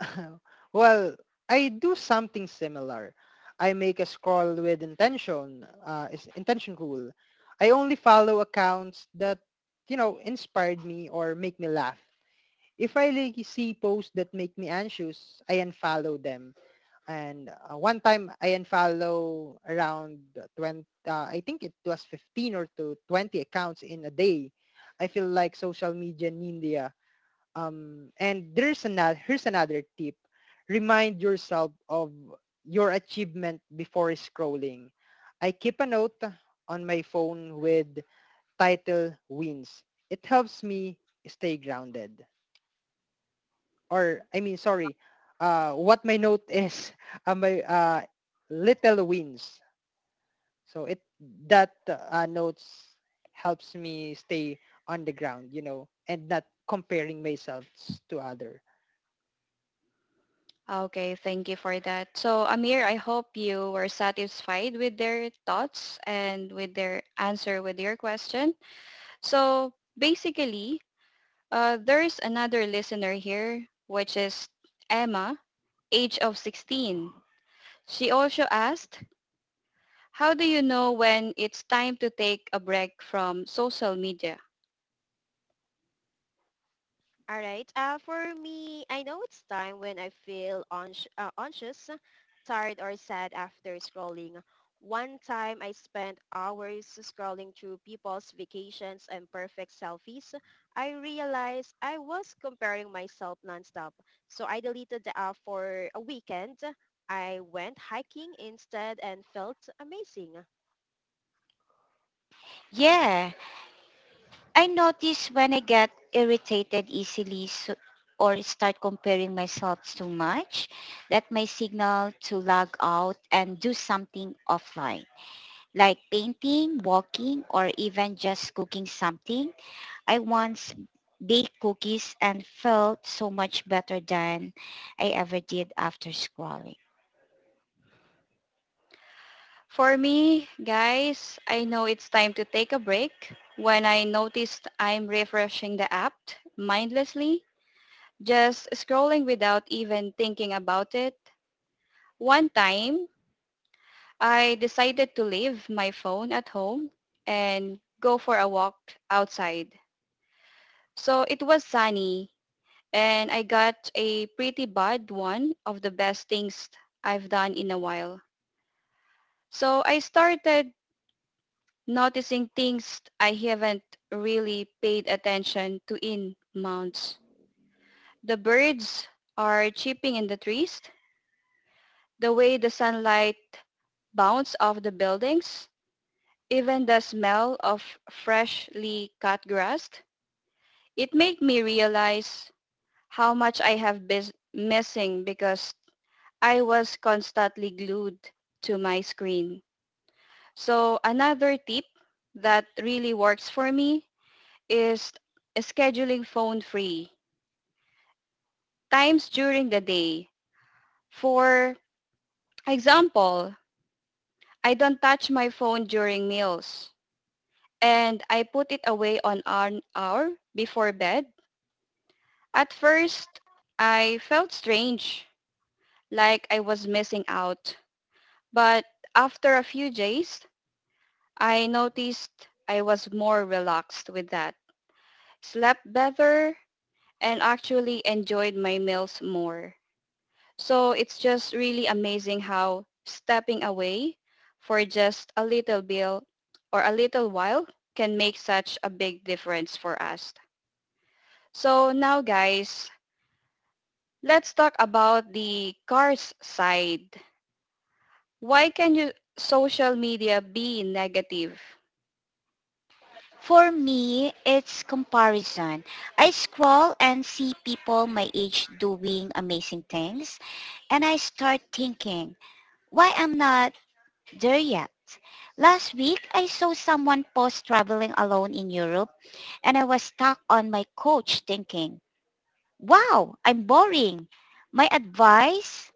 [SPEAKER 4] Well, I do something similar. I make a scroll with intention, is intention rule. I only follow accounts that, you know, inspired me or make me laugh. If I like see posts that make me anxious, I unfollow them. And one time I unfollow around 20, I think it was 15 or to 20 accounts in a day. I feel like social media in India. And there's another, here's another tip. Remind yourself of your achievement before scrolling. I keep a note on my phone with title wins. It helps me stay grounded, or I mean, sorry, what my note is, my little wins. So it that notes helps me stay on the ground, you know, and not comparing myself to other.
[SPEAKER 1] Okay, thank you for that. So Amir, I hope you were satisfied with their thoughts and with their answer with your question. So basically, there's another listener here, which is Emma, age of 16. She also asked, how do you know when it's time to take a break from social media?
[SPEAKER 2] All right. For me, I know it's time when I feel anxious, tired, or sad after scrolling. One time I spent hours scrolling through people's vacations and perfect selfies. I realized I was comparing myself nonstop. So I deleted the app for a weekend. I went hiking instead and felt amazing.
[SPEAKER 3] Yeah. I notice when I get irritated easily, so, or start comparing myself too much, that my signal to log out and do something offline, like painting, walking, or even just cooking something. I once baked cookies and felt so much better than I ever did after scrolling.
[SPEAKER 1] For me, guys, I know it's time to take a break when I noticed I'm refreshing the app mindlessly, just scrolling without even thinking about it. One time, I decided to leave my phone at home and go for a walk outside. So it was sunny and I got a pretty bad one of the best things I've done in a while. So I started noticing things I haven't really paid attention to in months. The birds are chirping in the trees, the way the sunlight bounce off the buildings, even the smell of freshly cut grass, it made me realize how much I have been missing because I was constantly glued to my screen. So another tip that really works for me is scheduling phone free times during the day. For example, I don't touch my phone during meals, and I put it away on an hour before bed. At first, I felt strange, like I was missing out. But after a few days, I noticed I was more relaxed with that, slept better, and actually enjoyed my meals more. So it's just really amazing how stepping away for just a little bit or a little while can make such a big difference for us. So now guys, let's talk about the cars side. Why can you social media be negative?
[SPEAKER 3] For me, it's comparison. I scroll and see people my age doing amazing things and I start thinking, why I'm not there yet? Last week, I saw someone post traveling alone in Europe and I was stuck on my couch thinking, wow, I'm boring. My advice,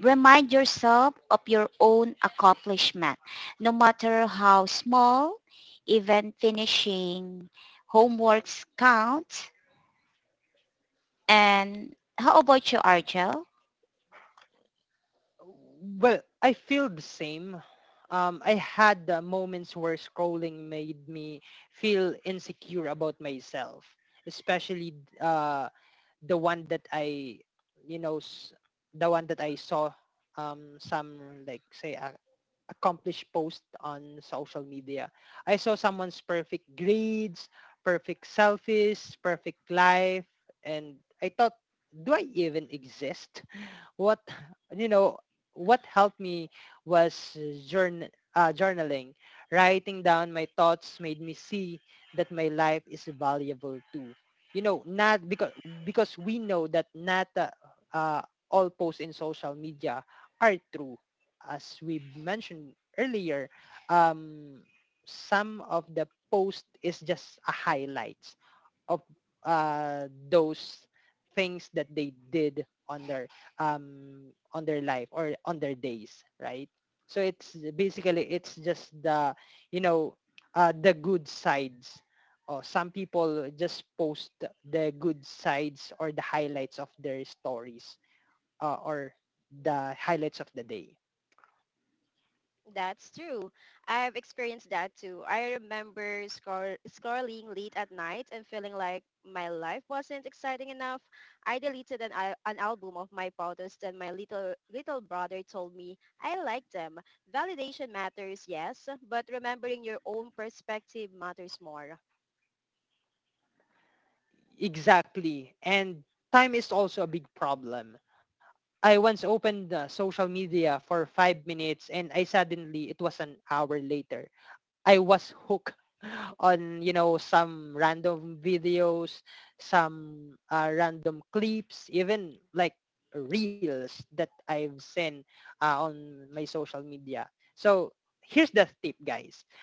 [SPEAKER 3] remind yourself of your own accomplishment, no matter how small, even finishing homeworks counts. And how about you, Arjel?
[SPEAKER 4] Well, I feel the same. I had moments where scrolling made me feel insecure about myself, especially the one that I you know the one that I saw some like say a accomplished post on social media. I saw someone's perfect grades, perfect selfies, perfect life, and I thought, do I even exist? What you know what helped me was journaling. Writing down my thoughts made me see that my life is valuable too, you know, not because because we know that not uh, all posts in social media are true. As we mentioned earlier, um, some of the post is just a highlight of those things that they did on their life or on their days, right? So it's basically it's just the, you know, the good sides. Or some people just post the good sides or the highlights of their stories, or the highlights of the day.
[SPEAKER 2] That's true. I've experienced that too. I remember scrolling late at night and feeling like my life wasn't exciting enough. I deleted an album of my photos and my little brother told me I like them. Validation matters, yes, but remembering your own perspective matters more.
[SPEAKER 4] Exactly, and time is also a big problem. I once opened the social media for 5 minutes and I suddenly, it was an hour later. I was hooked on, you know, some random videos, some random clips, even like reels that I've seen on my social media. So here's the tip, guys.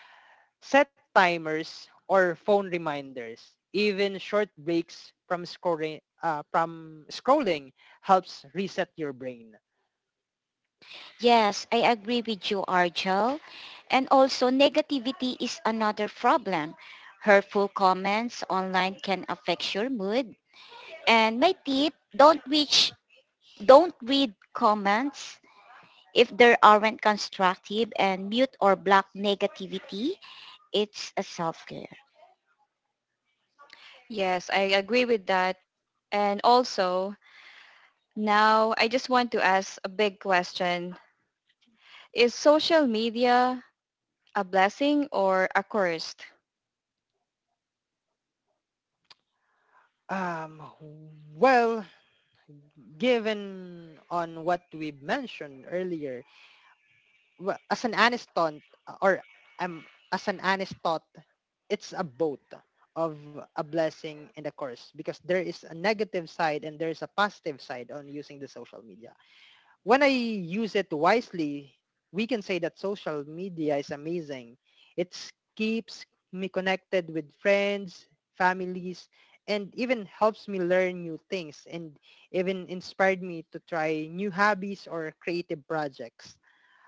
[SPEAKER 4] Set timers or phone reminders. Even short breaks from scrolling helps reset your brain.
[SPEAKER 3] Yes, I agree with you, Argel. And also, negativity is another problem. Hurtful comments online can affect your mood. And my tip, don't reach, don't read comments if there aren't constructive, and mute or block negativity. It's a self-care.
[SPEAKER 1] Yes, I agree with that. And also, now I just want to ask a big question. Is social media a blessing or a curse?
[SPEAKER 4] Um, well, given on what we mentioned earlier, well, as an aniston, or as an anistot, it's a both of a blessing and a curse because there is a negative side and there is a positive side on using the social media. When I use it wisely, we can say that social media is amazing. It keeps me connected with friends, families, and even helps me learn new things, and even inspired me to try new hobbies or creative projects.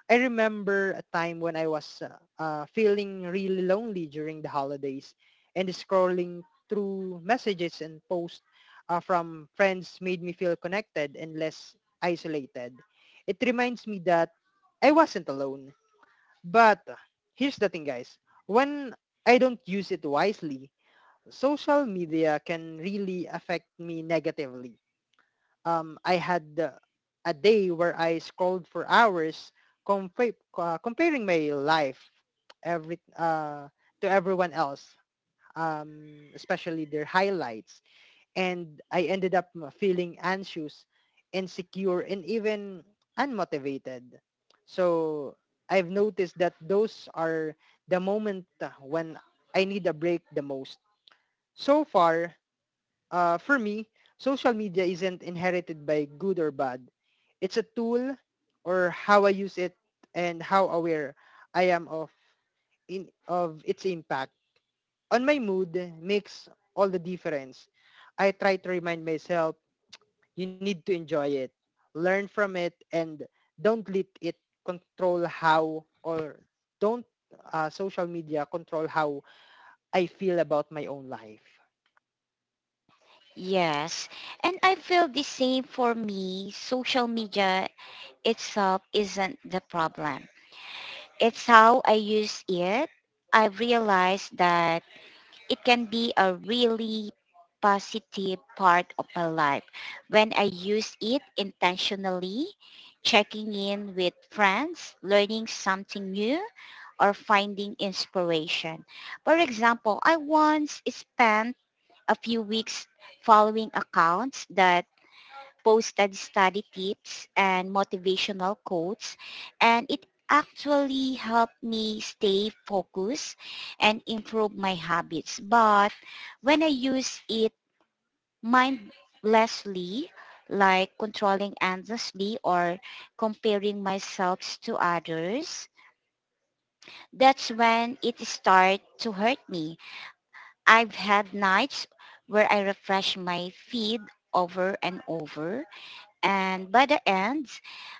[SPEAKER 4] I remember a time when I was feeling really lonely during the holidays and scrolling through messages and posts from friends made me feel connected and less isolated. It reminds me that I wasn't alone. But here's the thing, guys, when I don't use it wisely, social media can really affect me negatively. I had a day where I scrolled for hours, comparing my life every to everyone else, especially their highlights. And I ended up feeling anxious, insecure, and even unmotivated. So I've noticed that those are the moment when I need a break the most. So far, for me, social media isn't inherited by good or bad. It's a tool, or how I use it and how aware I am of in of its impact on my mood makes all the difference. I try to remind myself you need to enjoy it, learn from it, and don't let it control how, or don't social media control how I feel about my own life.
[SPEAKER 3] Yes. And I feel the same. For me, social media itself isn't the problem. It's how I use it. I've realized that it can be a really positive part of my life when I use it intentionally, checking in with friends, learning something new, or finding inspiration. For example, I once spent a few weeks following accounts that posted study tips and motivational quotes, and it actually helped me stay focused and improve my habits. But when I use it mindlessly, like controlling endlessly or comparing myself to others, that's when it starts to hurt me. I've had nights where I refresh my feed over and over, and by the end,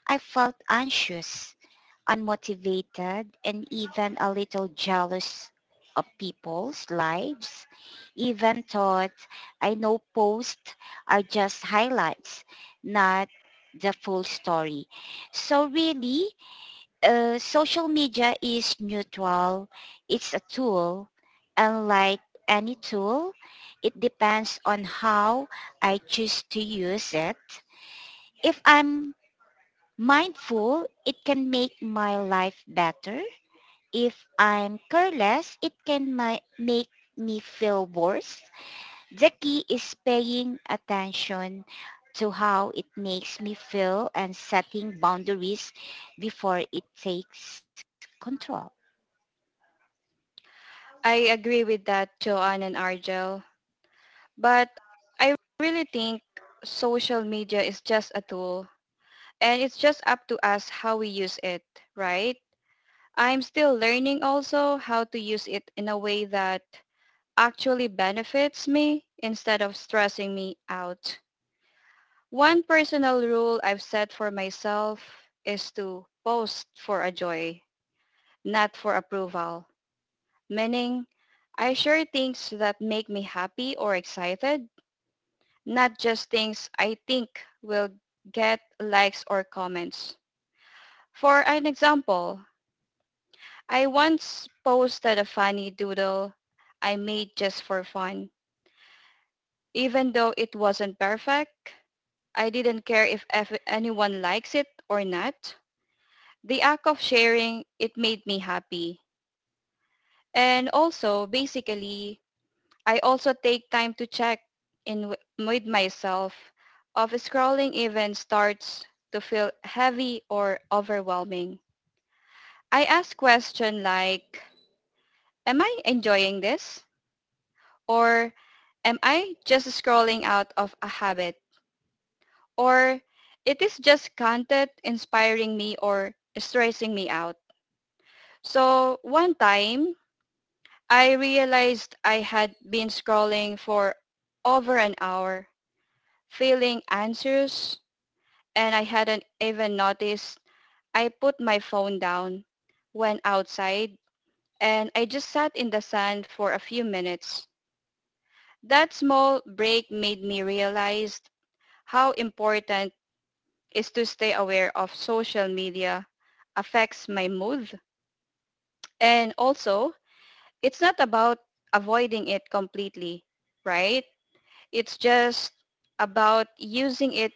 [SPEAKER 3] I felt anxious, unmotivated, and even a little jealous of people's lives. Even thought I know posts are just highlights, not the full story. So really, social media is neutral. It's a tool. And like any tool, it depends on how I choose to use it. If I'm mindful, it can make my life better. If I'm careless, it can make me feel worse. The key is paying attention to how it makes me feel and setting boundaries before it takes control.
[SPEAKER 1] I agree with that, Joanne and Argel. But I really think social media is just a tool and it's just up to us how we use it, right? I'm still learning also how to use it in a way that actually benefits me instead of stressing me out. One personal rule I've set for myself is to post for a joy, not for approval. Meaning, I share things that make me happy or excited, not just things I think will get likes or comments. For an example, I once posted a funny doodle I made just for fun. Even though it wasn't perfect, I didn't care if anyone likes it or not. The act of sharing, it made me happy. And also, basically, I also take time to check in with myself of scrolling even starts to feel heavy or overwhelming. I ask question like, am I enjoying this? Or am I just scrolling out of a habit? Or it is just content inspiring me or stressing me out. So one time, I realized I had been scrolling for over an hour, feeling anxious, and I hadn't even noticed. I put my phone down, went outside, and I just sat in the sun for a few minutes. That small break made me realize how important is to stay aware of social media affects my mood. And also, it's not about avoiding it completely, right? It's just about using it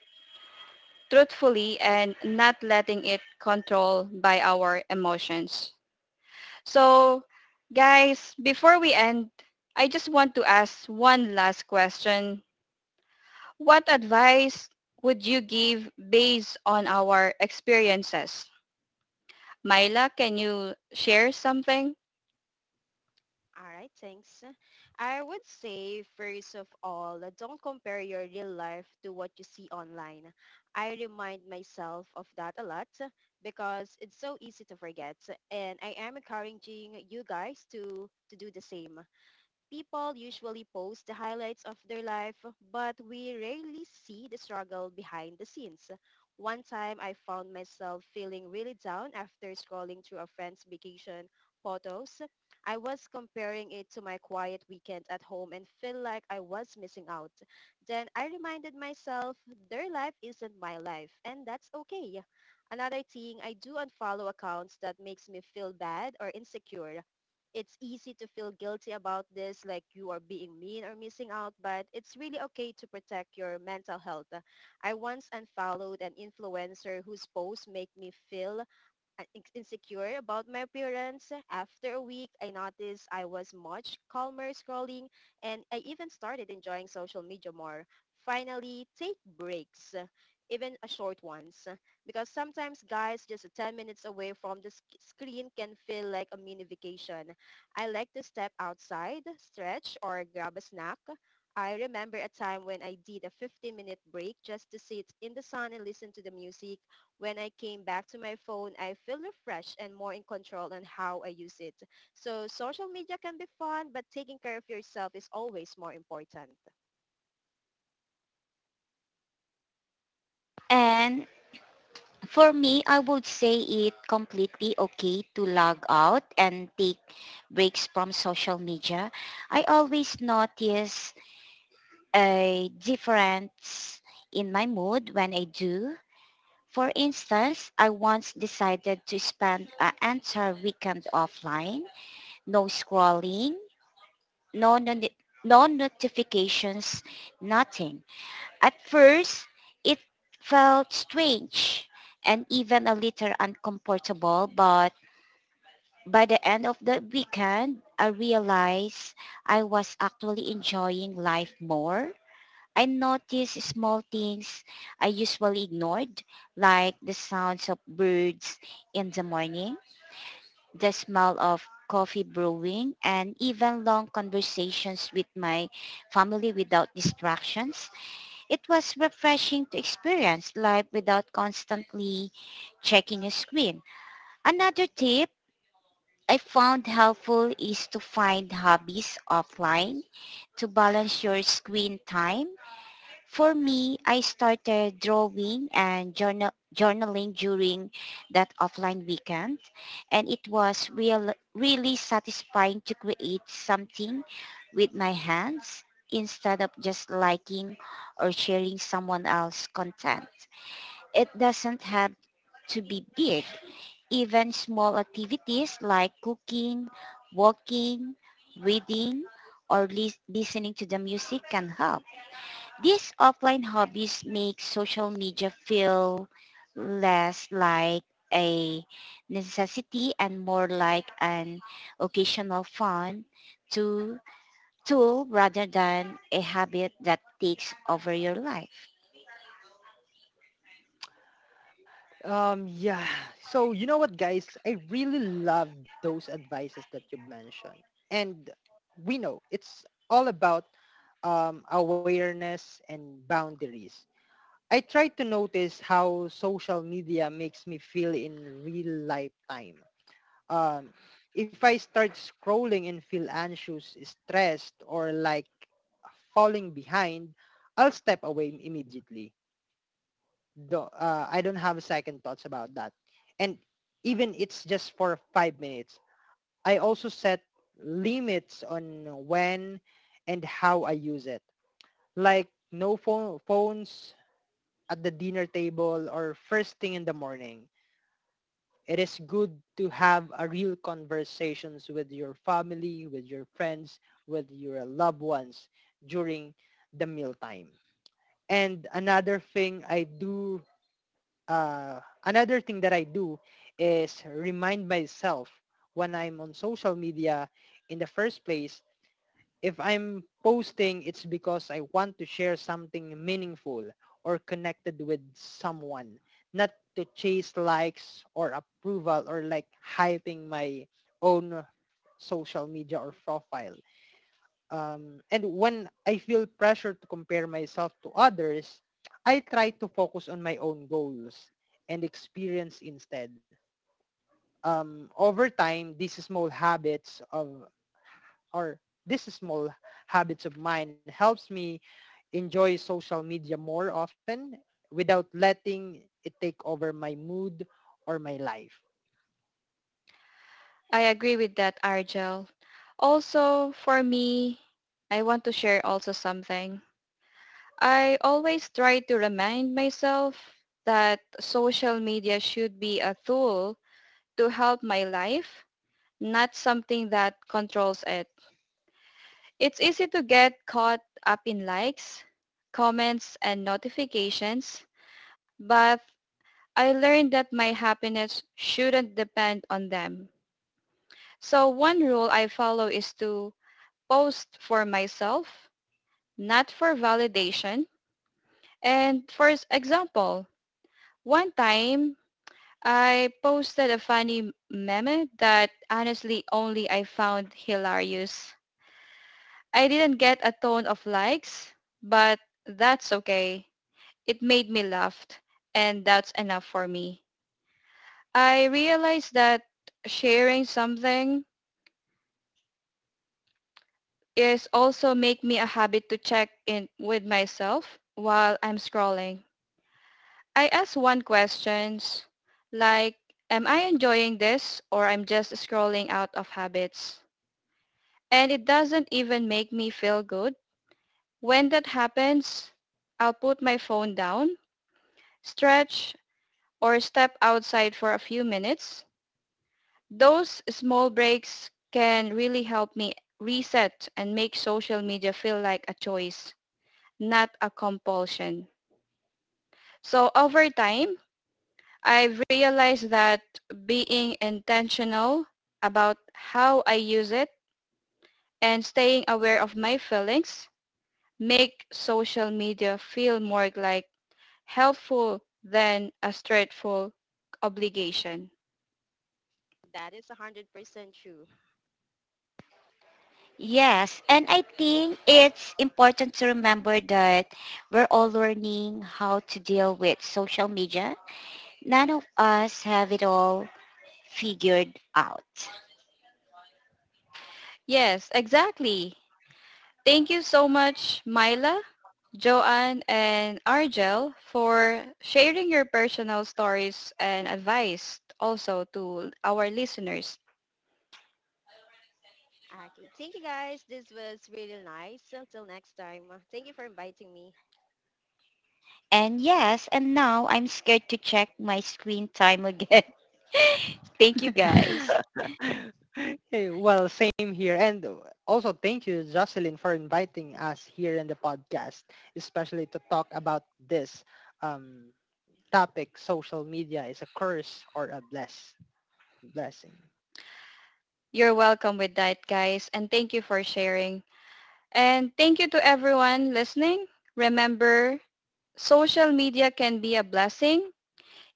[SPEAKER 1] truthfully and not letting it control by our emotions. So, guys, before we end, I just want to ask one last question. What advice would you give based on our experiences? Myla, can you share something?
[SPEAKER 2] All right, thanks. I would say, first of all, don't compare your real life to what you see online. I remind myself of that a lot because it's so easy to forget. And I am encouraging you guys to do the same. People usually post the highlights of their life, but we rarely see the struggle behind the scenes. One time I found myself feeling really down after scrolling through a friend's vacation photos. I was comparing it to my quiet weekend at home and felt like I was missing out. Then I reminded myself their life isn't my life and that's okay. Another thing, I do unfollow accounts that makes me feel bad or insecure. It's easy to feel guilty about this, like you are being mean or missing out, but it's really okay to protect your mental health. I once unfollowed an influencer whose posts make me feel insecure about my appearance. After a week, I noticed I was much calmer scrolling and I even started enjoying social media more. Finally, take breaks, even a short ones, because sometimes guys just 10 minutes away from the screen can feel like a mini vacation. I like to step outside, stretch, or grab a snack. I remember a time when I did a 15-minute break just to sit in the sun and listen to the music. When I came back to my phone, I feel refreshed and more in control on how I use it. So social media can be fun, but taking care of yourself is always more important.
[SPEAKER 3] And for me, I would say it completely okay to log out and take breaks from social media. I always notice a difference in my mood when I do. For instance, I once decided to spend an entire weekend offline, no scrolling, no, no, no notifications, nothing. At first, it felt strange and even a little uncomfortable, but by the end of the weekend, I realized I was actually enjoying life more. I notice small things I usually ignored, like the sounds of birds in the morning, the smell of coffee brewing, and even long conversations with my family without distractions. It was refreshing to experience life without constantly checking a screen. Another tip I found helpful is to find hobbies offline to balance your screen time. For me, I started drawing and journaling during that offline weekend, and it was really satisfying to create something with my hands instead of just liking or sharing someone else's content. It doesn't have to be big. Even small activities like cooking, walking, reading, or listening to the music can help. These offline hobbies make social media feel less like a necessity and more like an occasional fun to tool rather than a habit that takes over your life.
[SPEAKER 4] Yeah. So you know what, guys? I really love those advices that you mentioned, and we know it's all about awareness and boundaries. I try to notice how social media makes me feel in real life time. Um, if I start scrolling and feel anxious, stressed, or like falling behind, I'll step away immediately, I don't have second thoughts about that. And even it's just for 5 minutes, I also set limits on when and how I use it. Like no phones at the dinner table or first thing in the morning. It is good to have a real conversations with your family, with your friends, with your loved ones during the mealtime. And another thing that I do is remind myself when I'm on social media in the first place, if I'm posting, it's because I want to share something meaningful or connected with someone, not to chase likes or approval, or like hyping my own social media or profile. And when I feel pressure to compare myself to others, I try to focus on my own goals and experience instead. Over time, or these small habits of mine helps me enjoy social media more often without letting it take over my mood or my life.
[SPEAKER 1] I agree with that, Argel. Also, for me, I want to share also something. I always try to remind myself that social media should be a tool to help my life, not something that controls it. It's easy to get caught up in likes, comments, and notifications, but I learned that my happiness shouldn't depend on them. So one rule I follow is to post for myself, not for validation. And for example, one time I posted a funny meme that honestly only I found hilarious. I didn't get a ton of likes, but that's okay. It made me laugh and that's enough for me. I realized that sharing something is also make me a habit to check in with myself while I'm scrolling. I ask one questions like, am I enjoying this or I'm just scrolling out of habits? And it doesn't even make me feel good. When that happens, I'll put my phone down, stretch, or step outside for a few minutes. Those small breaks can really help me reset and make social media feel like a choice, not a compulsion. So over time, I've realized that being intentional about how I use it and staying aware of my feelings make social media feel more like helpful than a straightful obligation.
[SPEAKER 2] That is 100% true.
[SPEAKER 3] Yes, and I think it's important to remember that we're all learning how to deal with social media. None of us have it all figured out.
[SPEAKER 1] Yes, exactly. Thank you so much, Myla, Joanne and Argel for sharing your personal stories and advice also to our listeners.
[SPEAKER 2] Okay, thank you guys. This was really nice. Until next time, thank you for inviting me.
[SPEAKER 3] And yes, and now I'm scared to check my screen time again. Thank you guys.
[SPEAKER 4] Hey, well, same here. And also thank you, Jocelyn, for inviting us here in the podcast, especially to talk about this um, topic, social media is a curse or a blessing.
[SPEAKER 1] You're welcome with that, guys, and thank you for sharing. And thank you to everyone listening. Remember, social media can be a blessing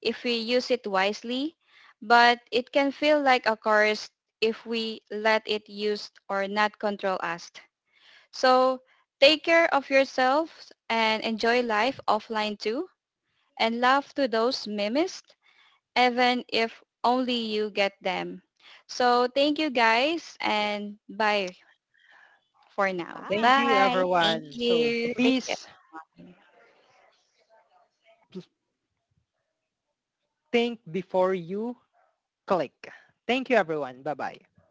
[SPEAKER 1] if we use it wisely, but it can feel like a curse if we let it use or not control us. So take care of yourselves and enjoy life offline too, and love to those mimiced, even if only you get them. So thank you guys
[SPEAKER 4] Yeah.
[SPEAKER 1] and bye for now.
[SPEAKER 4] Thank you,
[SPEAKER 3] Bye.
[SPEAKER 2] Bye.
[SPEAKER 3] Thank
[SPEAKER 4] everyone. So
[SPEAKER 3] you. Thank
[SPEAKER 4] please
[SPEAKER 3] you.
[SPEAKER 4] pl- think before you click. Thank you, everyone. Bye-bye.